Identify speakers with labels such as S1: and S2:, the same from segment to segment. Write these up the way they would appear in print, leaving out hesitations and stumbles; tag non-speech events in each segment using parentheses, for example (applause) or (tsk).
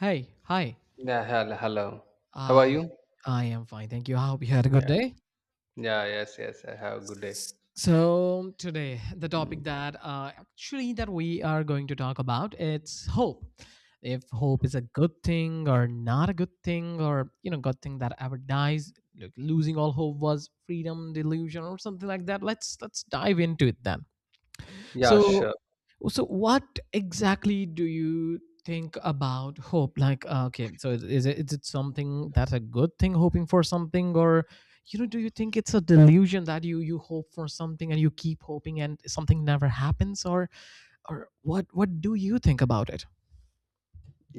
S1: Hey, hi.
S2: Yeah, hello. How are
S1: I
S2: you?
S1: I am fine. Thank you. I hope you had a good
S2: Yeah.
S1: day.
S2: Yeah, yes, yes. I have a good day.
S1: So today, the
S2: Mm.
S1: topic that actually that we are going to talk about it's hope. If hope is a good thing or not a good thing, or you know, good thing that ever dies. Look, losing all hope was freedom, delusion, or something like that. Let's dive into it then.
S2: Yeah,
S1: So,
S2: sure.
S1: so what exactly do you think about hope? Like, okay, so is it is it something that's a good thing, hoping for something, or you know, do you think it's a delusion that you hope for something and you keep hoping and something never happens, or what do you think about it?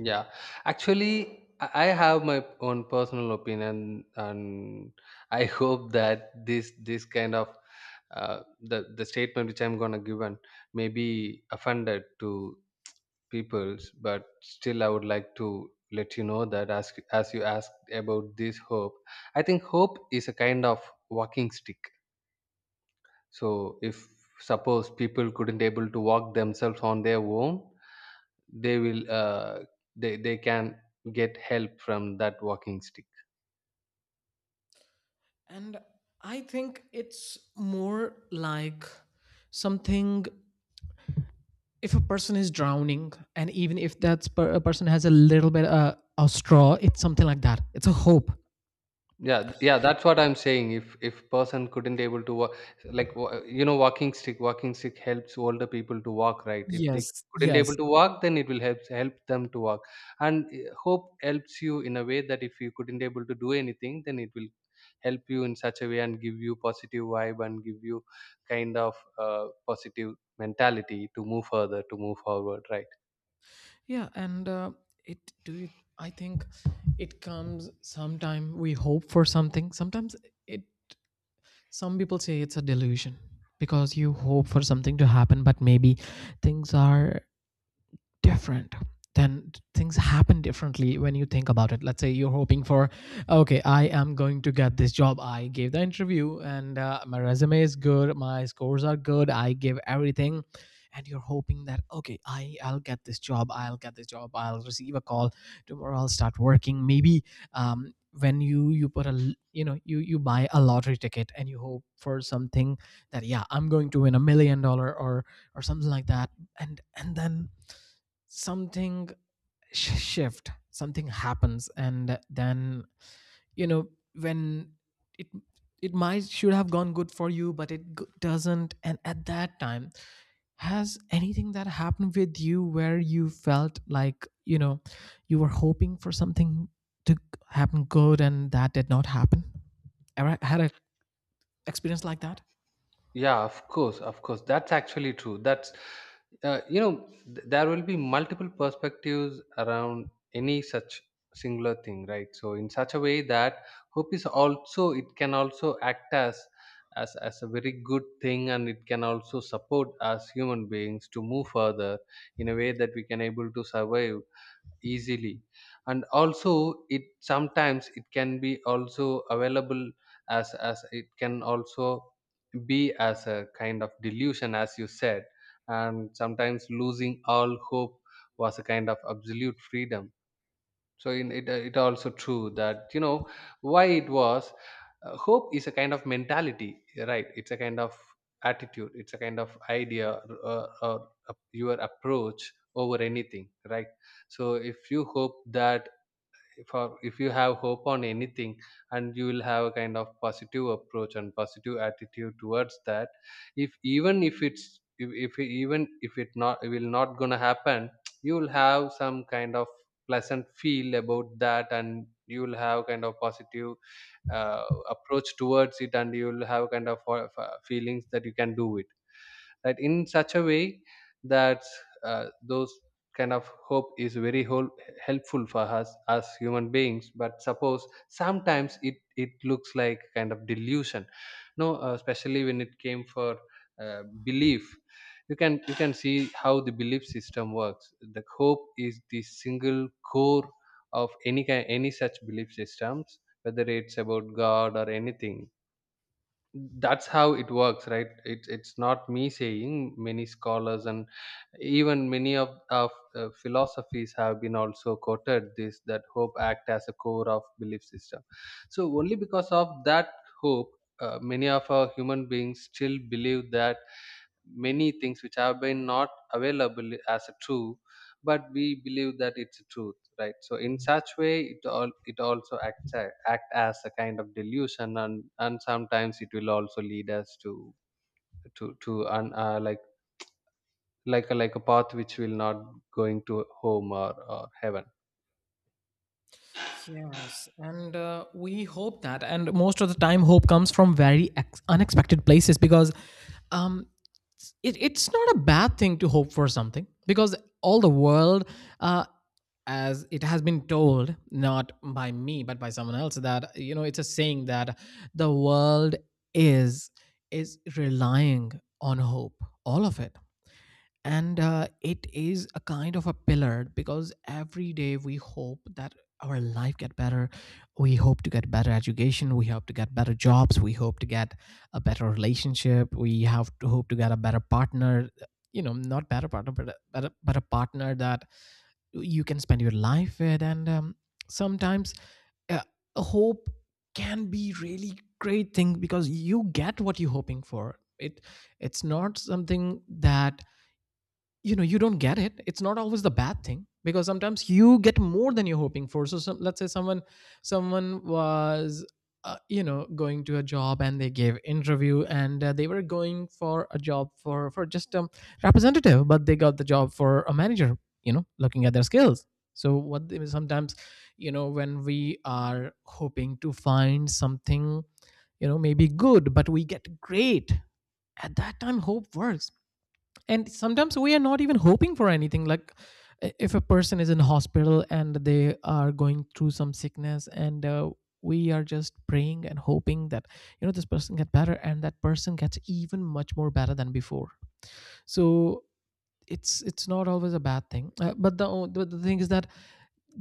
S2: Yeah. Actually, I have my own personal opinion, and I (laughs) hope that this kind of, the statement which I'm gonna give, and may be offended to peoples, but still I would like to let you know that, as you asked about this hope, I think hope is a kind of walking stick. So if suppose people couldn't able to walk themselves on their own, they will they can get help from that walking stick.
S1: And I think it's more like something if a person is drowning, and even if a person has a little bit of straw, it's something like that. It's a hope.
S2: Yeah, yeah, that's what I'm saying. If person couldn't able to walk, like walking stick helps older people to walk, right? If they
S1: Yes,
S2: couldn't able
S1: yes.
S2: to walk, then it will help them to walk. And hope helps you in a way that if you couldn't able to do anything, then it will help you in such a way, and give you positive vibe, and give you kind of positive mentality to move further, to move forward, right?
S1: Yeah, and it do you I think it comes sometime we hope for something. Sometimes it some people say it's a delusion because you hope for something to happen but maybe things are different then things happen differently when you think about it. Let's say you're hoping for, okay, I am going to get this job. I gave the interview and my resume is good, my scores are good, I give everything. And you're hoping that, okay, I'll get this job, I'll get this job, I'll receive a call tomorrow, I'll start working maybe. When you put a you know, you buy a lottery ticket and you hope for something, that yeah, I'm going to win $1 million or something like that. And then something sh- shift something happens and then, you know, when it it might should have gone good for you but it doesn't. And at that time, has anything that happened with you where you felt like, you know, you were hoping for something to happen good and that did not happen? Ever had a experience like that?
S2: Yeah, of course, of course. That's actually true. That's, you know, th- there will be multiple perspectives around any such singular thing, right? So in such a way that hope is also, it can also act as a very good thing, and it can also support us human beings to move further in a way that we can able to survive easily. And also it sometimes it can be also available as it can also be as a kind of delusion, as you said. And sometimes losing all hope was a kind of absolute freedom. So in it, it also true that, you know, why it was hope is a kind of mentality, right? It's a kind of attitude, it's a kind of idea, or your approach over anything, right? So if you hope that, for if you have hope on anything, and you will have a kind of positive approach and positive attitude towards that. If even if it's if it- Even if it not, it will not gonna happen. (tsk) You will have some kind of pleasant feel about that, and you will have kind of positive uh, approach towards it, and you will have kind of feelings that you can do it. That, in such a way that, those kind of hope is very helpful for us as human beings. But suppose sometimes it it looks like kind of delusion. No, especially when it came for belief. You can see how the belief system works. The hope is the single core of any kind, any such belief systems, whether it's about God or anything. That's how it works, right? It's not me saying, many scholars and even many of philosophies have been also quoted this, that hope act as a core of belief system. So only because of that hope, many of our human beings still believe that many things which have been not available as a true, but we believe that it's a truth, right? So in such way, it all, it also act as a kind of delusion. And sometimes it will also lead us to, to an like like a path which will not going to home, or heaven.
S1: Yes, and we hope that. And most of the time, hope comes from very unexpected places because, um, it, it's not a bad thing to hope for something because all the world, uh, as it has been told not by me but by someone else, that you know it's a saying that the world is is relying on hope, all of it. And it is a kind of a pillar because every day we hope that our life get better, we hope to get better education, we hope to get better jobs, we hope to get a better relationship, we have to hope to get a better partner. You know, not better partner, but a, but a, but a partner that you can spend your life with. And sometimes uh, hope can be really great thing because you get what you're hoping for it. It's not something that, you know, you don't get it. It's not always the bad thing because sometimes you get more than you're hoping for. So some, let's say someone, someone was, you know, going to a job and they gave interview and they were going for a job for just representative, but they got the job for a manager, you know, looking at their skills. So what sometimes, you know, when we are hoping to find something, you know, maybe good, but we get great, at that time hope works. And sometimes we are not even hoping for anything, like if a person is in hospital and they are going through some sickness, and we are just praying and hoping that, you know, this person get better, and that person gets even much more better than before. So it's not always a bad thing, but the, the thing is that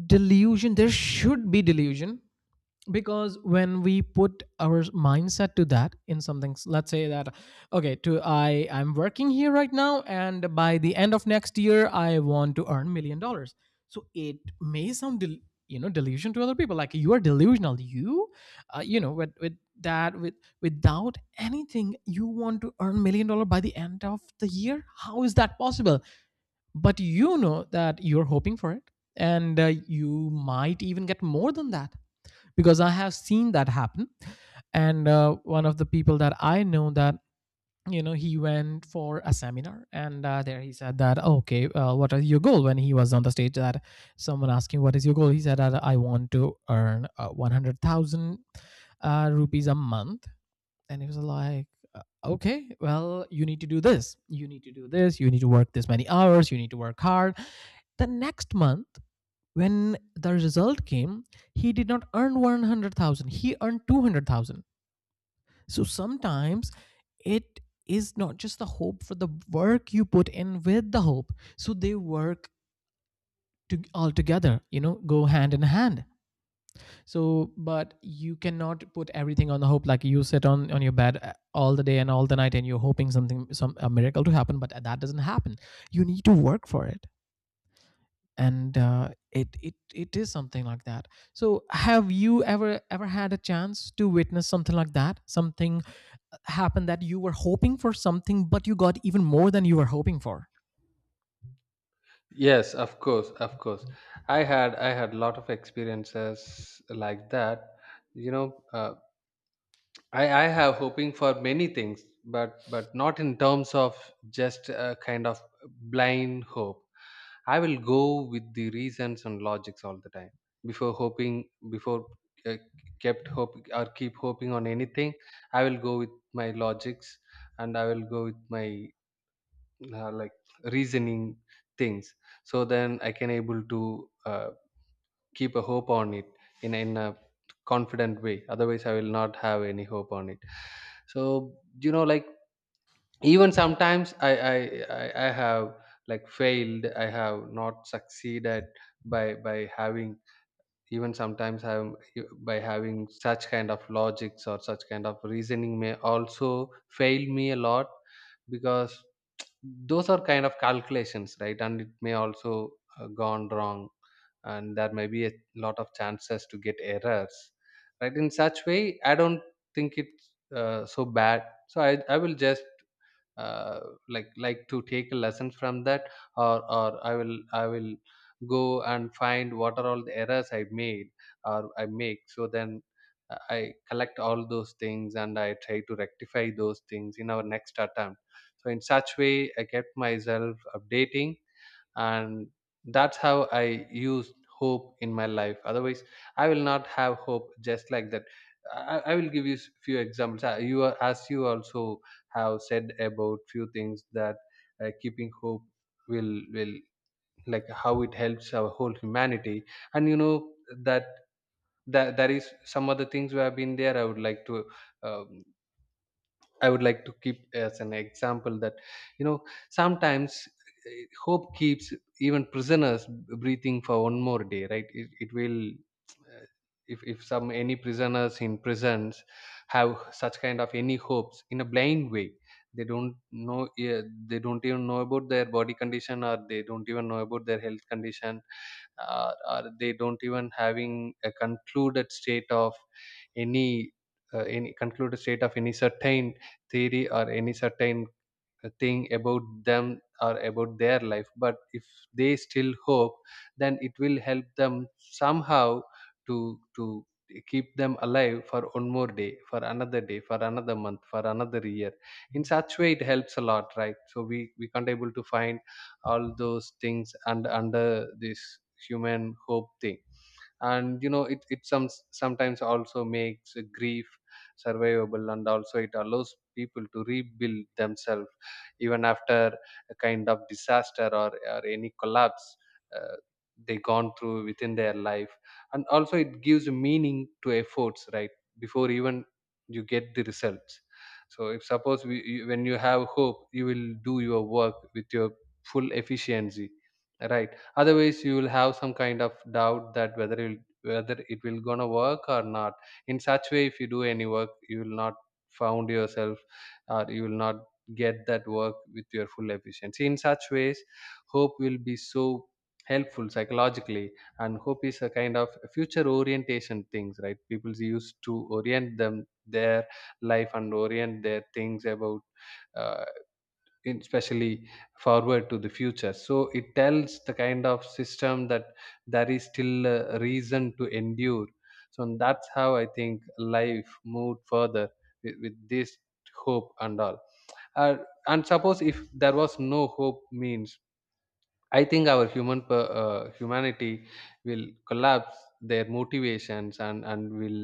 S1: delusion, there should be delusion, because when we put our mindset to that in something let's say that, okay, to I'm working here right now and by the end of next year I want to earn $1 million. So it may sound you know, delusion to other people, like you are delusional, you you know, with that with without anything you want to earn $1 million by the end of the year, how is that possible? But you know that you're hoping for it. And you might even get more than that because I have seen that happen. And one of the people that I know that, you know, he went for a seminar. And there he said that, okay, what is your goal? When he was on the stage, that someone asked him, what is your goal? He said that I want to earn 100,000 rupees a month. And he was like, okay, well, you need to do this, you need to do this, you need to work this many hours, you need to work hard. The next month, when the result came, he did not earn 100,000, he earned 200,000. So sometimes it is not just the hope, for the work you put in with the hope. So they work to, all together, you know, go hand in hand. So, but you cannot put everything on the hope. Like you sit on your bed all the day and all the night, and you're hoping something, some a miracle to happen, but that doesn't happen. You need to work for it. And it it it is something like that. So have you ever had a chance to witness something like that, something happened that you were hoping for something but you got even more than you were hoping for?
S2: Yes, of course, of course. I had a lot of experiences like that. you know uh, I have hoping for many things, but not in terms of just a kind of blind hope. I will go with the reasons and logics all the time, before hoping, before uh, kept hope or keep hoping on anything. I will go with my logics, and I will go with my like reasoning things. So then I can able to keep a hope on it in a confident way. Otherwise, I will not have any hope on it. So, you know, like, even sometimes I have, like, failed. I have not succeeded by having, even sometimes I'm, by having such kind of logics or such kind of reasoning, may also fail me a lot. Because those are kind of calculations, right? And it may also gone wrong. And there may be a lot of chances to get errors, right? In such way, I don't think it's so bad. So I will just uh, like to take a lesson from that. Or I will go and find what are all the errors I made, or I make. So then I collect all those things, and I try to rectify those things in our next attempt. So in such way, I kept myself updating. And that's how I used hope in my life. Otherwise, I will not have hope just like that. I will give you few examples. As you also have said about few things, that keeping hope, will like how it helps our whole humanity. And you know that that there is some other things we have been there. I would like to um, I would like to keep as an example that, you know, sometimes hope keeps even prisoners breathing for one more day, right? It will uh, if some any prisoners in prisons have such kind of any hopes in a blind way, they don't know. Yeah, they don't even know about their body condition, or they don't even know about their health condition. Or they don't even having a concluded state of any, any concluded state of any certain theory or any certain thing about them or about their life. But if they still hope, then it will help them somehow to keep them alive for one more day, for another day, for another month, for another year. In such way, it helps a lot, right? So we can't able to find all those things and under this human hope thing. And it sometimes also makes grief survivable. And also it allows people to rebuild themselves even after a kind of disaster, or any collapse uh, they gone through within their life. And also it gives meaning to efforts, right? Before even you get the results. So if suppose when you have hope, you will do your work with your full efficiency, right? Otherwise, you will have some kind of doubt that whether it will gonna work or not. In such way, if you do any work, you will not found yourself, or you will not get that work with your full efficiency. In such ways, hope will be so helpful psychologically. And hope is a kind of future orientation things, right? People used to orient them their life, and orient their things about uh, especially forward to the future. So it tells the kind of system that there is still a reason to endure. So, and that's how I think life moved further with this hope and all. uh, and suppose if there was no hope means, I think our humanity will collapse their motivations, and will,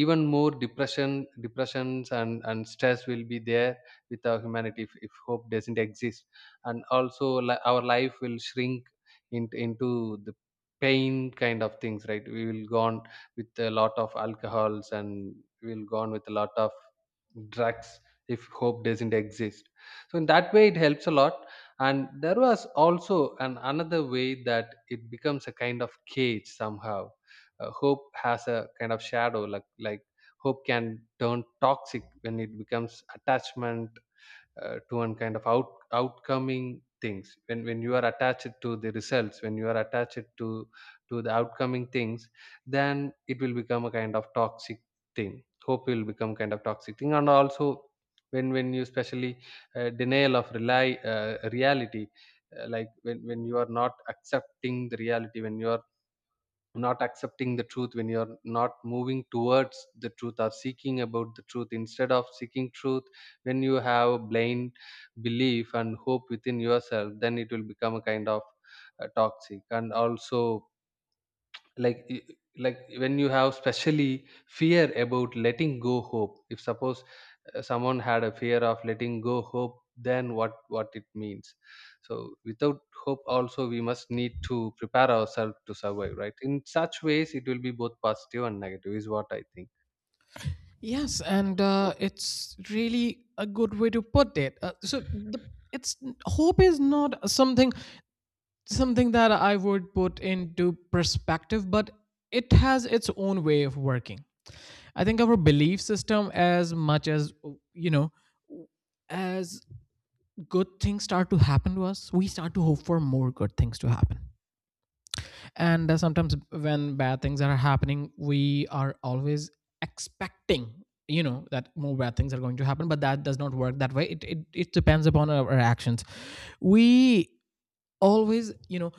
S2: even more depressions and stress will be there with our humanity, if hope doesn't exist. And also, our life will shrink into the pain kind of things, right? We will go on with a lot of alcohols, and we'll go on with a lot of drugs if hope doesn't exist. So in that way, it helps a lot. And there was also an another way that it becomes a kind of cage somehow. Hope has a kind of shadow, like hope can turn toxic when it becomes attachment, to one kind of outcoming things. When you are attached to the results, when you are attached to the outcoming things, then it will become a kind of toxic thing. Hope will become kind of toxic thing. And also, when you especially denial of rely reality. Like when you are not accepting the reality, when you are not accepting the truth, when you're not moving towards the truth or seeking about the truth instead of seeking truth, when you have blind belief and hope within yourself, then it will become a kind of toxic. And also, like i- like when you have specially fear about letting go hope. If suppose someone had a fear of letting go hope, then what it means. So without hope also, we must need to prepare ourselves to survive, right? In such ways, it will be both positive and negative, is what I think.
S1: Yes, and it's really a good way to put it. So the it's hope is not something, something that I would put into perspective, but it has its own way of working. I think our belief system, as much as, you know, as good things start to happen to us, we start to hope for more good things to happen. And sometimes when bad things are happening we are always expecting, you know, that more bad things are going to happen, but that does not work that way. It depends upon our actions. We always, you know,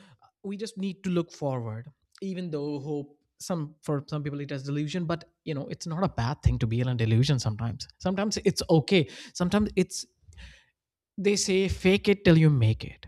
S1: we just need to look forward. Even though hope some for some people it has delusion, but you know, it's not a bad thing to be in a delusion sometimes. Sometimes it's okay, sometimes it's, they say fake it till you make it.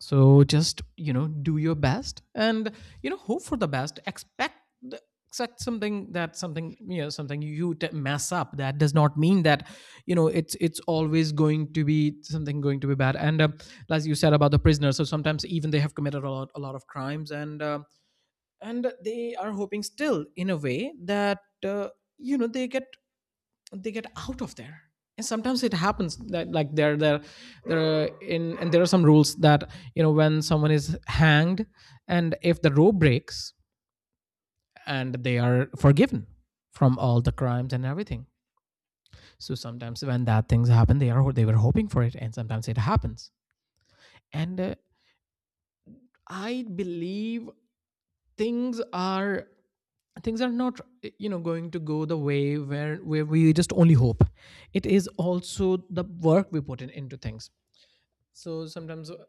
S1: So just, you know, do your best and you know, hope for the best. Expect the, expect something that something, you know, something you mess up, that does not mean that, you know, it's always going to be something going to be bad. And as you said about the prisoners, so sometimes even they have committed a lot of crimes, and they are hoping still in a way that, you know, they get out of there. And sometimes it happens that like they're in, and there are some rules that, you know, when someone is hanged and if the rope breaks and they are forgiven from all the crimes and everything. So sometimes when that things happen they are, they were hoping for it, and sometimes it happens. And I believe things are, things are not, you know, going to go the way where we just only hope. It is also the work we put in into things. So sometimes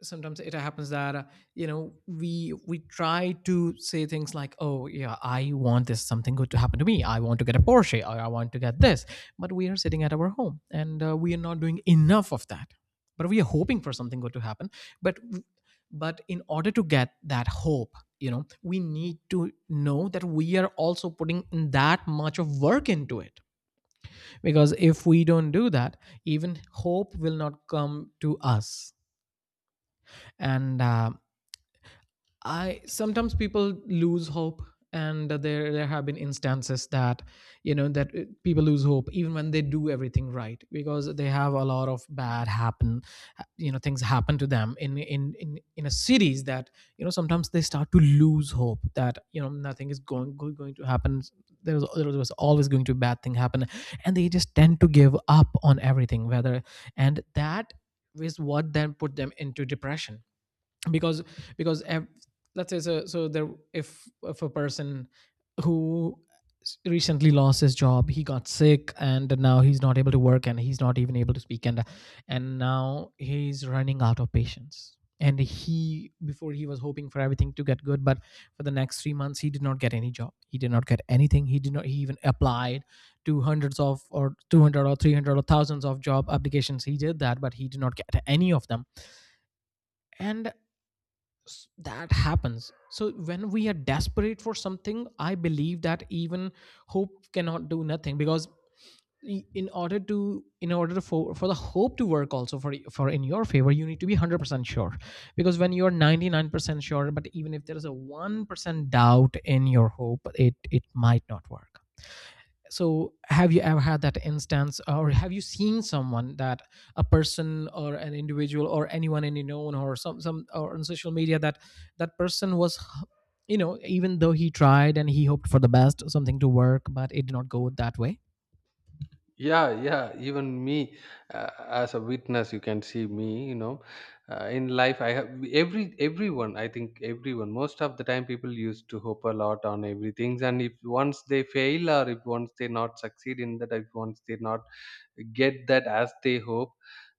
S1: sometimes it happens that you know, we try to say things like, oh yeah, I want this something good to happen to me, I want to get a Porsche or I want to get this. But we are sitting at our home and we are not doing enough of that, but we are hoping for something good to happen. but but in order to get that hope, you know, we need to know that we are also putting in that much of work into it. Because if we don't do that, even hope will not come to us. And I sometimes people lose hope. And there have been instances that, you know, that people lose hope even when they do everything right because they have a lot of bad happen, you know, things happen to them in in a series, that, you know, sometimes they start to lose hope that, you know, nothing is going going to happen. There was, there was always going to be bad thing happen. And they just tend to give up on everything, whether, and that is what then put them into depression. because because Let's say so there if a person who recently lost his job, he got sick and now he's not able to work and he's not even able to speak. And now he's running out of patience, and he, before, he was hoping for everything to get good, but for the next 3 months he did not get any job, he did not get anything, he did not, he even applied to hundreds of, or 200 or 300 or thousands of job applications. He did that, but he did not get any of them. And that happens. So when we are desperate for something, I believe that even hope cannot do nothing, because in order to, in order for the hope to work also for for in your favor, you need to be 100% sure, because when you're 99% sure, but even if there is a 1% doubt in your hope, it might not work. So have you ever had that instance, or have you seen someone that a person, or an individual, or anyone in your own, or some or on social media, that that person was, you know, even though he tried and he hoped for the best, something to work, but it did not go that way?
S2: Yeah, yeah, even me, as a witness You can see me. In life I think everyone most of the time people used to hope a lot on everything, and if once they fail or if once they not succeed in that, if once they not get that as they hope,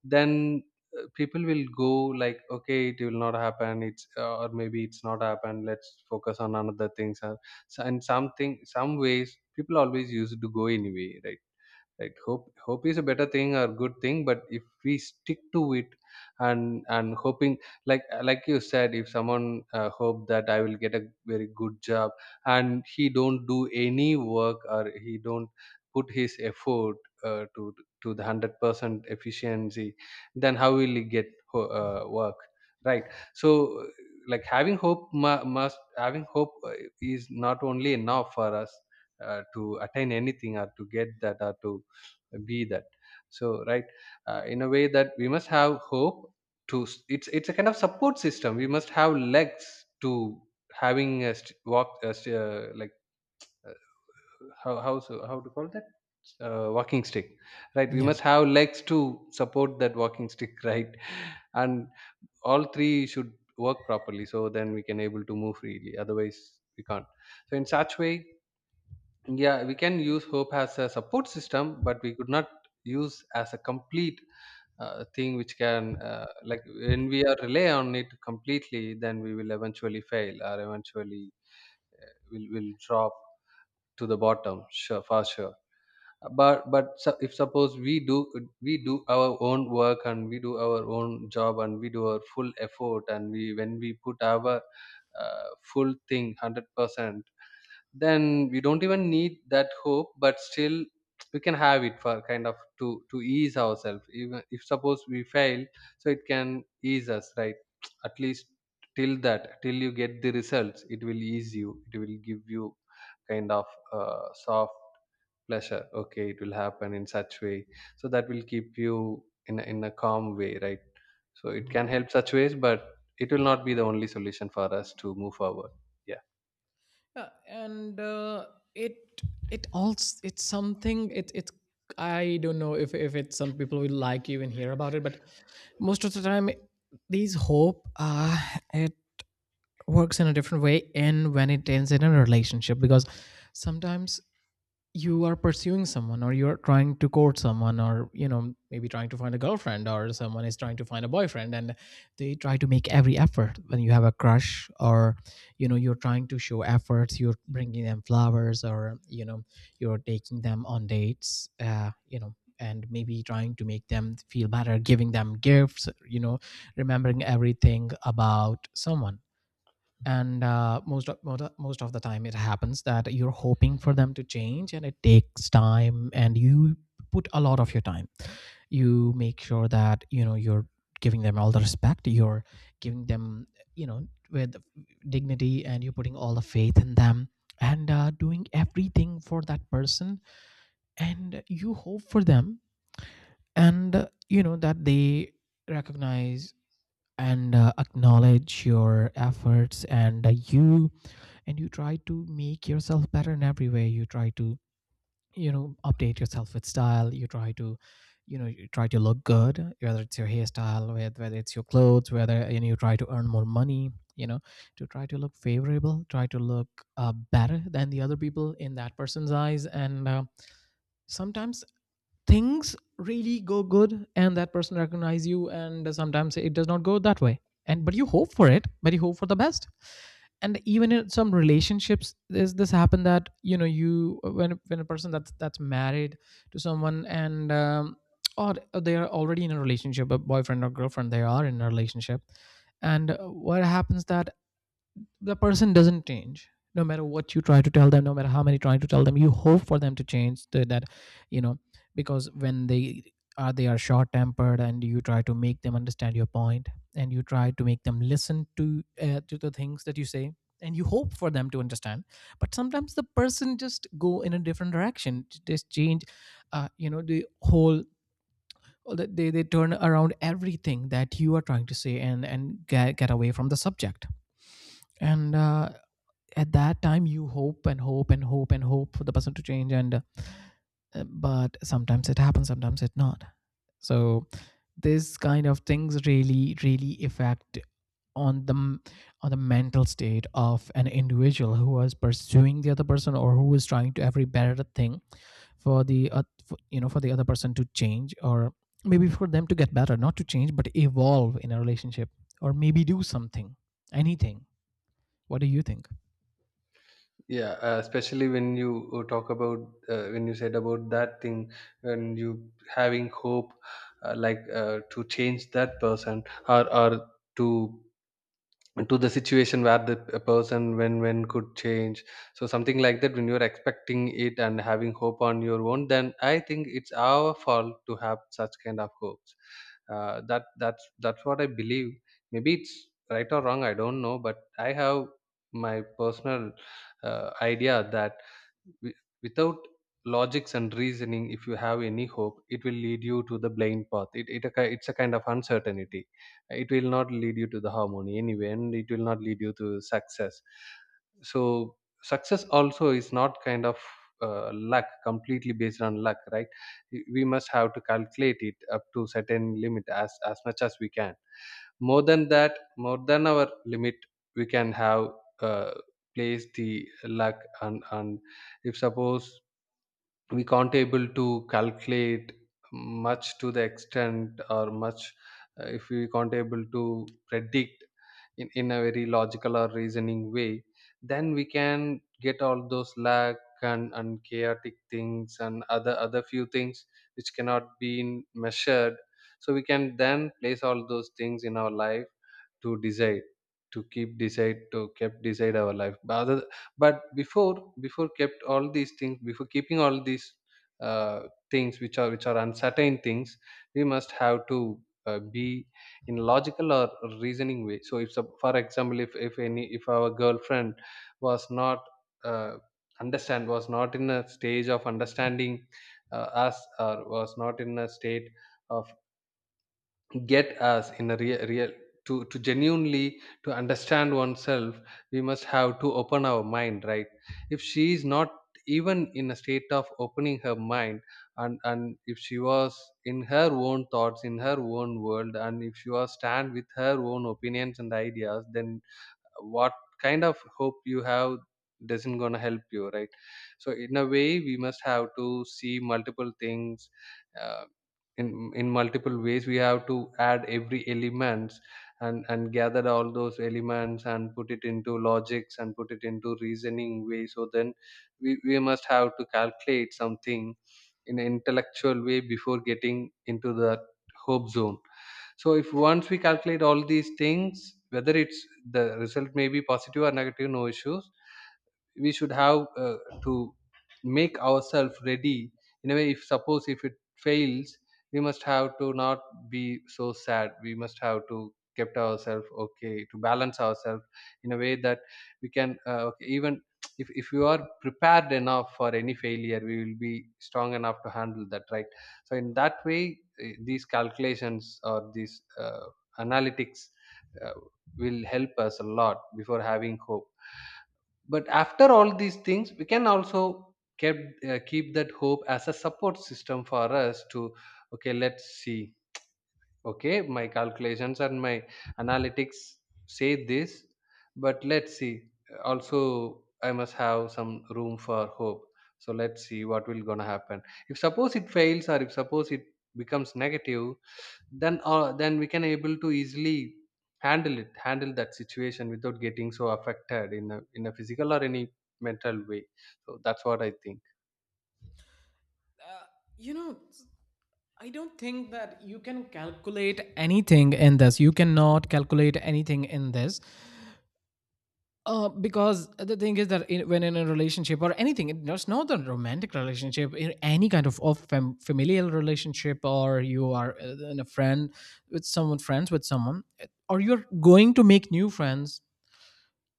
S2: then people will go like, okay, it will not happen, it's, or maybe it's not happened, let's focus on another things, or and something, some ways people always used to go anyway, right? Like hope is a better thing or good thing, but if we stick to it and hoping, like you said, if someone hope that I will get a very good job and he don't do any work, or he don't put his effort to the 100% efficiency, then how will he get work, right? So, like having must having hope is not only enough for us to attain anything or to get that or to be that. So right, in a way that we must have hope it's a kind of support system. We must have legs to having a st- walk a st- like, uh, how to call that, walking stick, right? We
S1: Yeah.
S2: must have legs to support that walking stick (laughs) right. And all three should work properly, so then we can able to move freely, otherwise we can't. So in such way, yeah, we can use hope as a support system, but we could not use as a complete thing which can, like when we are rely on it completely, then we will eventually fail or eventually uh, will drop to the bottom, sure, for sure. But if suppose we do, we do our own work, and we do our own job, and we do our full effort, and we when we put our uh, full thing 100%, then we don't even need that hope, but still we can have it for kind of to ease ourselves even if suppose we fail, so it can ease us, right. (tsk) At least till that, till you get the results, it will ease you, it will give you kind of soft pleasure, okay, it will happen in such way. So that will keep you in a calm way, right. So it can help such ways, but it will not be the only solution for us to move forward. Yeah.
S1: And it it also, it's something, it's, I don't know if it's some people will like even hear about it, but most of the time these hope, it works in a different way, and when it ends in a relationship. Because sometimes you are pursuing someone, or you're trying to court someone, or you know, maybe trying to find a girlfriend, or someone is trying to find a boyfriend, and they try to make every effort when you have a crush. Or you know, you're trying to show efforts, you're bringing them flowers, or you know, you're taking them on dates, you know, and maybe trying to make them feel better, giving them gifts, you know, remembering everything about someone. And most of the time it happens that you're hoping for them to change, and it takes time, and you put a lot of your time, you make sure that you know, you're giving them all the respect, you're giving them, you know, with dignity, and you're putting all the faith in them, and doing everything for that person. And you hope for them, and you know, that they recognize and acknowledge your efforts, and you and you try to make yourself better in every way. You try to, you know, update yourself with style, you try to, you know, you try to look good, whether it's your hairstyle, whether it's your clothes, whether, you know, you try to earn more money, you know, to try to look favorable, try to look better than the other people in that person's eyes. And sometimes things really go good and that person recognize you, and sometimes it does not go that way. And but you hope for it, but you hope for the best. And even in some relationships this happen that, you know, you, when a person that's married to someone and or they are already in a relationship, a boyfriend or girlfriend, they are in a relationship. And what happens that the person doesn't change, no matter what you try to tell them, no matter how many trying to tell them, you hope for them to change, that, you know, because when they are short tempered and you try to make them understand your point, and you try to make them listen to the things that you say, and you hope for them to understand. But sometimes the person just go in a different direction, just change, you know, the whole, they turn around everything that you are trying to say, and get away from the subject. And at that time you hope and hope and hope and hope for the person to change, and but sometimes it happens, sometimes it not. So this kind of things really really affect on the on the mental state of an individual who is pursuing the other person, or who is trying to every better thing for the for, you know, for the other person to change, or maybe for them to get better, not to change but evolve in a relationship, or maybe do something, anything. What do you think?
S2: Yeah, especially when you talk about when you said about that thing, when you having hope, like to change that person, or to to the situation where the person when could change, so something like that, when you're expecting it and having hope on your own, then I think it's our fault to have such kind of hopes. That's that's what I believe. Maybe it's right or wrong, I don't know, but I have my personal idea that without logics and reasoning, if you have any hope, it will lead you to the blind path. It's a kind of uncertainty. It will not lead you to the harmony anyway, and it will not lead you to success. So success also is not kind of luck, completely based on luck, right. We must have to calculate it up to certain limit, as much as we can. More than that, more than our limit, we can have uh, place the luck. And if suppose we can't able to calculate much to the extent or much, if we can't able to predict in a very logical or reasoning way, then we can get all those lag and chaotic things and other few things which cannot be measured. So we can then place all those things in our life to decide, to keep decide to kept decide our life. But other, but before kept all these things, before keeping all these uh, things which are uncertain things, we must have to be in logical or reasoning way. So if sup- for example, if any, if our girlfriend was not uh, understand was not in a stage of understanding us, or was not in a state of get us in a real to genuinely to understand oneself, we must have to open our mind, right. If she is not even in a state of opening her mind, and if she was in her own thoughts, in her own world, and if she was stand with her own opinions and ideas, then what kind of hope you have doesn't gonna help you, right. So in a way we must have to see multiple things uh, in multiple ways. We have to add every elements and gather all those elements and put it into logics and put it into reasoning way, so then we must have to calculate something in an intellectual way before getting into the hope zone. So if once we calculate all these things, whether it's the result may be positive or negative, no issues, we should have to make ourselves ready. In a way, if suppose if it fails, we must have to not be so sad, we must have to kept ourselves okay, to balance ourselves in a way that we can okay, even if you are prepared enough for any failure, we will be strong enough to handle that, right. So in that way, these calculations or these analytics uh, will help us a lot before having hope. But after all these things, we can also keep that hope as a support system for us to, okay, let's see, okay, my calculations and my analytics say this, but let's see, also I must have some room for hope. So let's see what will gonna happen. If suppose it fails, or if suppose it becomes negative, then we can able to easily handle that situation without getting so affected in a physical or any mental way. So that's what I think.
S1: Uh, you know I I don't think that you can calculate anything in this. You cannot calculate anything in this. Because the thing is that, in, when in a relationship or anything, it's not a romantic relationship, in any kind of, familial relationship, or you are in a friend with someone, friends with someone, or you're going to make new friends,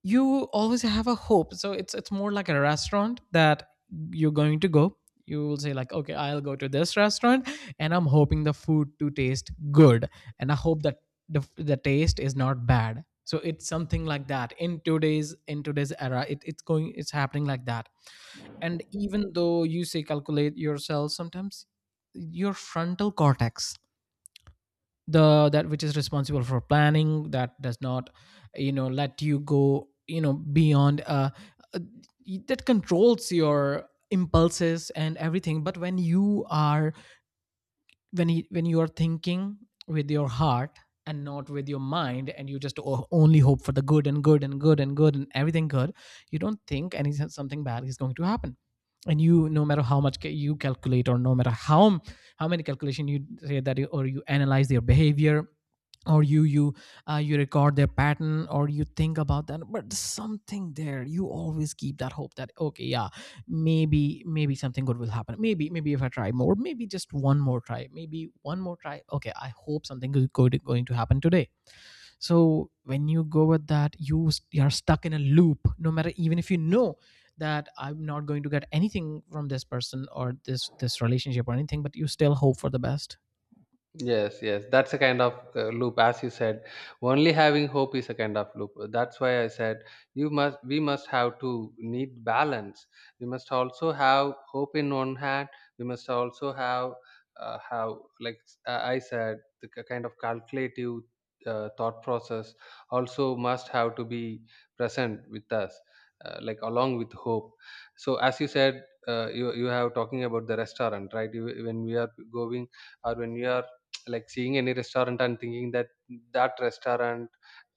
S1: you always have a hope. So it's more like a restaurant that you're going to go. You will say like, okay, I'll go to this restaurant and I'm hoping the food to taste good, and I hope that the taste is not bad. So it's something like that. In today's era, it's going, it's happening like that. And even though you say calculate yourself, sometimes your frontal cortex, the that which is responsible for planning, that does not, you know, let you go, you know, beyond uh that controls your impulses and everything. But when you are, when you are thinking with your heart and not with your mind, and you just only hope for the good and good and good and good and everything good, you don't think any something bad is going to happen. And you, no matter how much you calculate, or no matter how many calculation you say that or you analyze their behavior, or you record their pattern, or you think about that, but something there you always keep that hope that, okay, yeah, maybe, maybe something good will happen. Maybe, maybe if I try more, maybe just one more try, maybe one more try, okay, I hope something is good, going to happen today. So when you go with that, you are stuck in a loop, no matter even if you know that I'm not going to get anything from this person or this relationship or anything, but you still hope for the best.
S2: Yes, yes, that's a kind of loop, as you said. Only having hope is a kind of loop. That's why I said you must, we must have to need balance. We must also have hope in one hand. We must also have, uh, have like, I said, the kind of calculative thought process also must have to be present with us, like along with hope. So, as you said, you have talking about the restaurant, right? You, when we are going, or when we are like seeing any restaurant and thinking that that restaurant,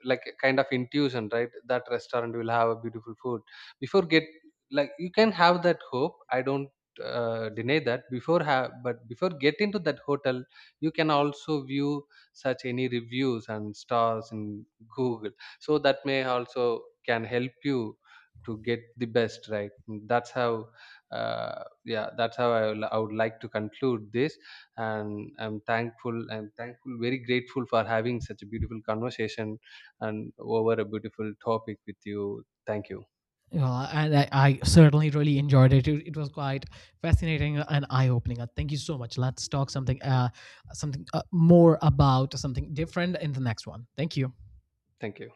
S2: like a kind of intuition, right, that restaurant will have a beautiful food before get, like, you can have that hope, I don't deny that before have, but before get into that hotel, you can also view such any reviews and stars in Google, so that may also can help you to get the best, right. That's how, yeah, that's how I, I would like to conclude this. And I'm thankful, very grateful for having such a beautiful conversation and over a beautiful topic with you. Thank you.
S1: Yeah, and I certainly really enjoyed it. It was quite fascinating and eye-opening. Thank you so much. Let's talk something, something more, about something different in the next one. Thank you.
S2: Thank you.